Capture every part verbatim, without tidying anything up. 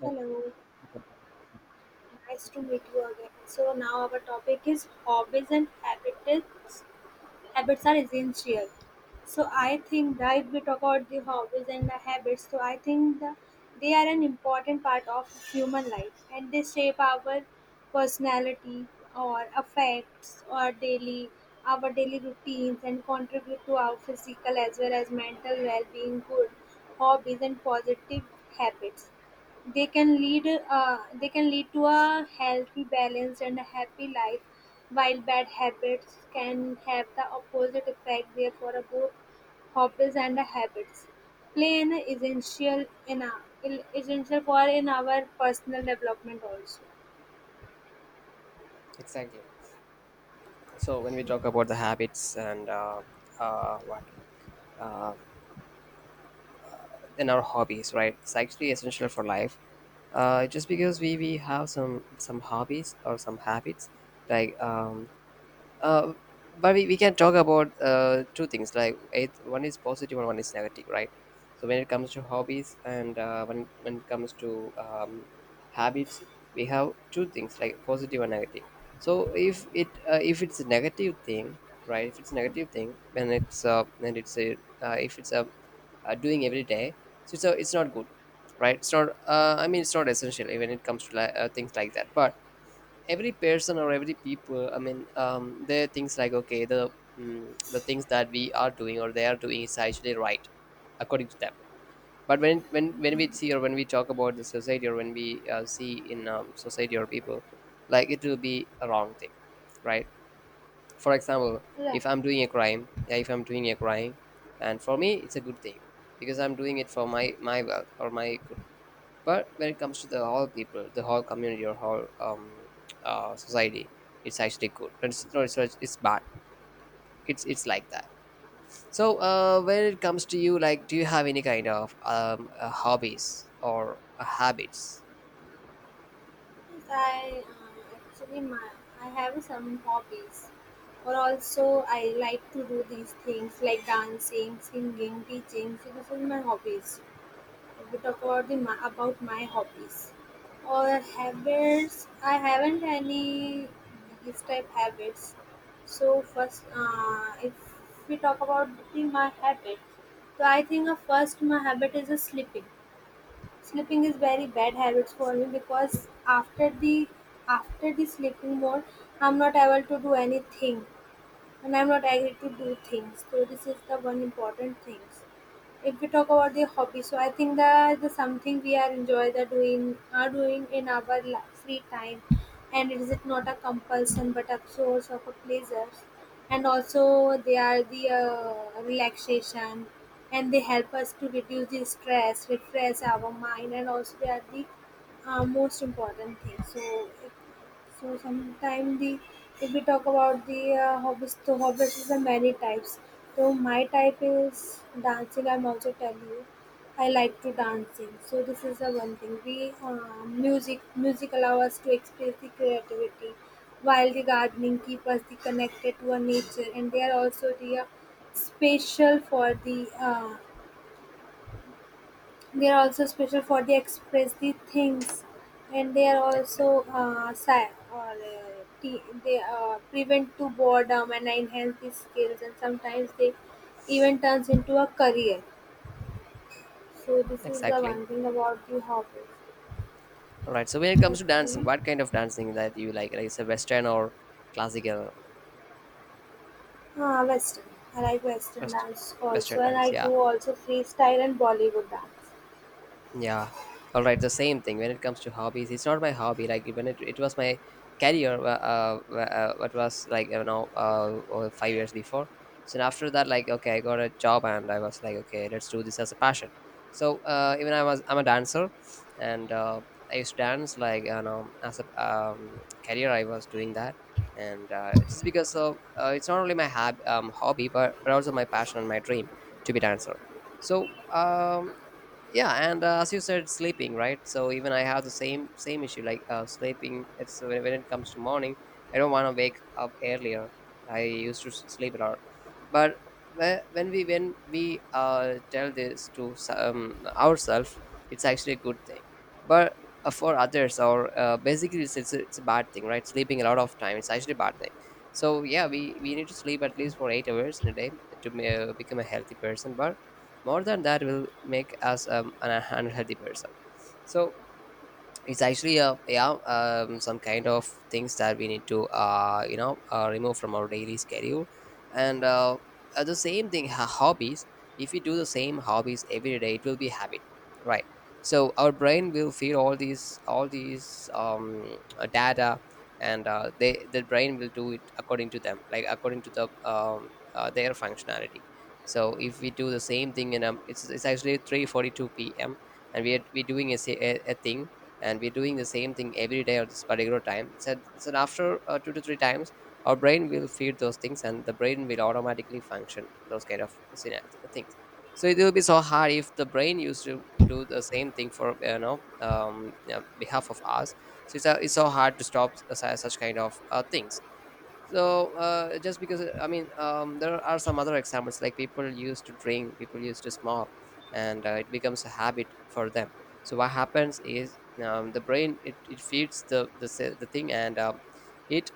But- Hello, okay. nice to meet you again. So now our topic is hobbies and habits. Habits are essential. So I think that if we talk about the hobbies and the habits, so I think the, they are an important part of human life and they shape our personality or affects or daily our daily routines and contribute to our physical as well as mental well-being. Good hobbies and positive habits, they can lead uh, they can lead to a healthy, balanced, and a happy life, while bad habits can have the opposite effect. Therefore, uh, both hobbies and the habits play an essential in our, essential for in our personal development also. Exactly. So when we talk about the habits and uh, uh, what uh, in our hobbies, right? It's actually essential for life. Uh, just because we, we have some some hobbies or some habits, like um, uh, but we, we can talk about uh, two things like it, one is positive and one is negative, right? So when it comes to hobbies and uh, when, when it comes to um, habits, we have two things like positive and negative. So if it uh, if it's a negative thing, right? If it's a negative thing, when it's uh, and it's a uh, if it's a uh, doing every day, so it's, a, it's not good, right? It's not uh, I mean, it's not essential when it comes to li- uh, things like that. But every person or every people, I mean, um, there are things like, okay, the mm, the things that we are doing or they are doing is actually right according to them. But when when when we see or when we talk about the society, or when we uh, see in um, society or people, like, it will be a wrong thing, right? For example, Right. if I'm doing a crime, yeah, if I'm doing a crime and for me it's a good thing because I'm doing it for my my wealth or my good. But when it comes to the whole people, the whole community, or whole um, uh, society, it's actually good. It's no, it's, it's bad. It's it's like that. So uh, when it comes to you, like, do you have any kind of um, uh, hobbies or uh, habits? Yes, I uh, actually my I have some hobbies, or also I like to do these things like dancing, singing, teaching. So this is my hobbies. Bit about the my, about my hobbies or habits. I haven't any these type habits. So first, uh, if we talk about the, my habit, so I think uh, first my habit is uh, sleeping. Sleeping is very bad habits for me because after the after the sleeping mode, I'm not able to do anything and I'm not angry to do things. So this is the one important things. If we talk about the hobby, so I think that the something we are enjoy the doing are doing in our la- free time, and it is not a compulsion but a source of a pleasure, and also they are the uh, relaxation, and they help us to reduce the stress, refresh our mind, and also they are the uh, most important thing. So so sometime the if we talk about the uh, hobbies, so hobbies is the many types. So my type is dancing. I'm also tell you, I like to dancing. So this is the one thing. We uh, music music allow us to express the creativity, while the gardening keep us the connected to our nature, and they are also the uh, special for the uh, they are also special for the express the things, and they are also Exactly. uh, sa or, uh, t- they uh, prevent to boredom and enhance the skills, and sometimes they even turns into a career. So this is the Exactly. one thing about the hobbies. All right. So when it comes to dancing, Okay, what kind of dancing that you like? Like, it's a Western or classical? ah, Western. I like Western West- dance also, Western and dance? I Yeah. do also freestyle and Bollywood dance. Yeah, all right. The same thing when it comes to hobbies. It's not my hobby. Like when it, it was my career. Uh, uh, uh, what was like, you know, uh, or five years before. So after that, like, okay, I got a job and I was like, okay, let's do this as a passion. So uh, even I was I'm a dancer, and uh, I used to dance, like, you know, as a um, career. I was doing that, and uh, just because of uh, it's not only my hab- um, hobby, but but also my passion and my dream to be dancer. So um, yeah. And uh, as you said, sleeping, right? So even I have the same same issue, like, uh, sleeping. It's when, when it comes to morning, I don't want to wake up earlier. I used to s- sleep a lot. But whe- when we when we uh, tell this to s- um, ourselves, it's actually a good thing. But uh, for others or uh, basically, it's, it's, a, it's a bad thing, right? Sleeping a lot of time, it's actually a bad thing. So yeah, we, we need to sleep at least for eight hours in a day to uh, become a healthy person. But more than that will make us um, an unhealthy person. So it's actually a, yeah, um, some kind of things that we need to uh, you know uh, remove from our daily schedule. And uh, uh, the same thing, ho- hobbies. If we do the same hobbies every day, it will be habit, right? So our brain will feed all these all these um, uh, data. And uh, they the brain will do it according to them, like according to the um, uh, their functionality. So if we do the same thing, and um, it's, it's actually three forty-two p m, and we are, we're doing a, sa- a, a thing, and we're doing the same thing every day at this particular time. So, so after uh, two to three times, our brain will feed those things, and the brain will automatically function those kind of syna- things. So it will be so hard if the brain used to do the same thing for, you know, um, yeah, behalf of us. So it's, uh, it's so hard to stop su- such kind of uh, things. So uh, just because uh, i mean um, there are some other examples, like people used to drink, people used to smoke, and uh, it becomes a habit for them. So what happens is, um, the brain, it, it feeds the the, se- the thing, and um, it,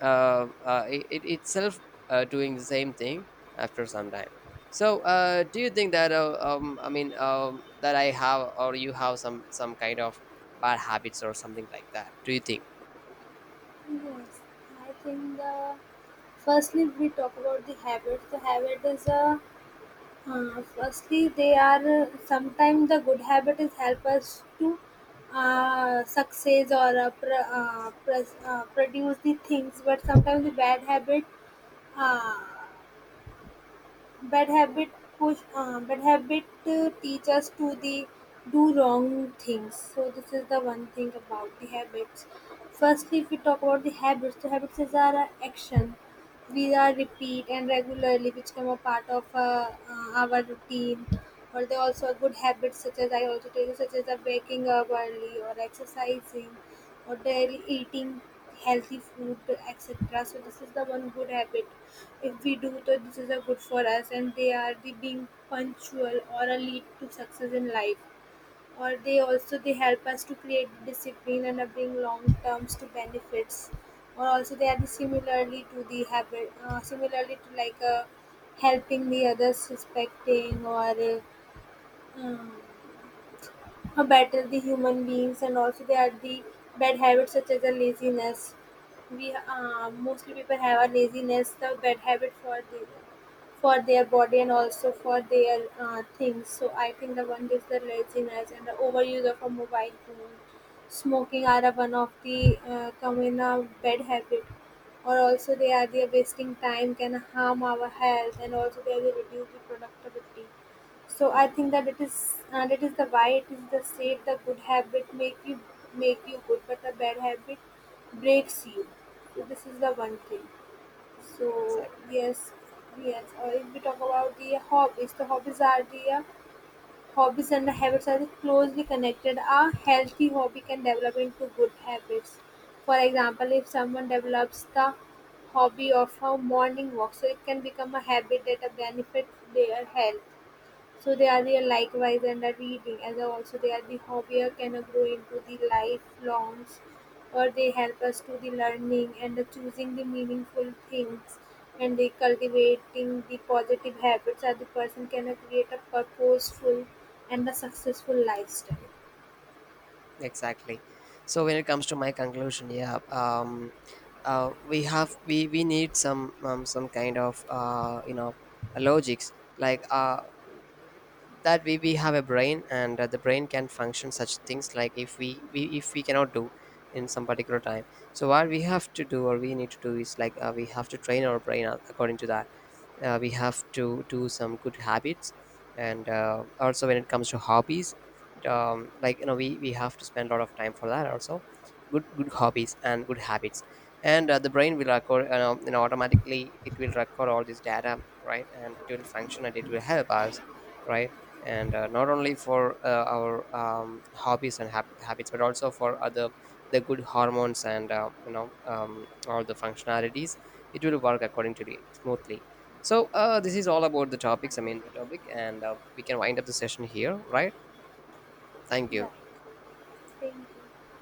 uh, uh, it it itself uh, doing the same thing after some time. So uh, do you think that uh, um, i mean um, that I have or you have some some kind of bad habits or something like that? Do you think? Yes, I think the firstly we talk about the habit. The habit is a Uh, firstly, they are sometimes the good habit is help us to uh, success or uh, pr- uh, pres- uh, produce the things, but sometimes the bad habit, uh, bad habit push, uh, bad habit uh, teach us to the do wrong things. So this is the one thing about the habits. Firstly, if we talk about the habits, the habits is our uh, action we are repeat and regularly become a part of uh, uh, our routine or they also are good habits such as I also tell you such as uh, waking up early or exercising or daily eating healthy food, etc. So this is the one good habit if we do. So this is a good for us and they are the being punctual or a lead to success in life or they also they help us to create discipline and uh, bring long terms to benefits or also they are the similarly to the habit uh, similarly to like uh, helping the others respecting or uh, um, who better the human beings and also they are the bad habits such as the laziness. We uh, mostly people have a laziness the bad habit for the for their body and also for their uh, things. So I think the one is the laziness and the overuse of a mobile phone, smoking are a one of the uh, common uh, bad habit or also they are the wasting time can harm our health and also they are the reduce the productivity. So I think that it is uh, that is the why it is the state the good habit make you make you good, but the bad habit breaks you. So this is the one thing. So Exactly. yes, yes. Uh, if we talk about the hobbies, the hobbies are the uh, hobbies and the habits are closely connected. A healthy hobby can develop into good habits. For example, if someone develops the hobby of a morning walk, so it can become a habit that uh, benefits their health so they are the likewise and are reading, as also they are the hobbier can grow into the lifelongs, or they help us to the learning and the choosing the meaningful things and they cultivating the positive habits that the person can create a purposeful and a successful lifestyle. Exactly. So when it comes to my conclusion, yeah, um uh, we have, we we need some um, some kind of, uh you know logics, like uh that we, we have a brain, and uh, the brain can function such things. Like if we, we if we cannot do in some particular time, so what we have to do or we need to do is like, uh, we have to train our brain a- according to that. Uh, we have to do some good habits. And uh, also, when it comes to hobbies, um, like, you know, we, we have to spend a lot of time for that also, good good hobbies and good habits. And uh, the brain will record, you know, you know automatically it will record all this data, right? And it will function and it will help us, right? And uh, not only for uh, our um, hobbies and hab- habits, but also for other, the good hormones, and uh, you know um, all the functionalities, it will work accordingly smoothly. So uh, this is all about the topics. I mean, topic. And uh, we can wind up the session here, right? Thank Right. you. Thank you.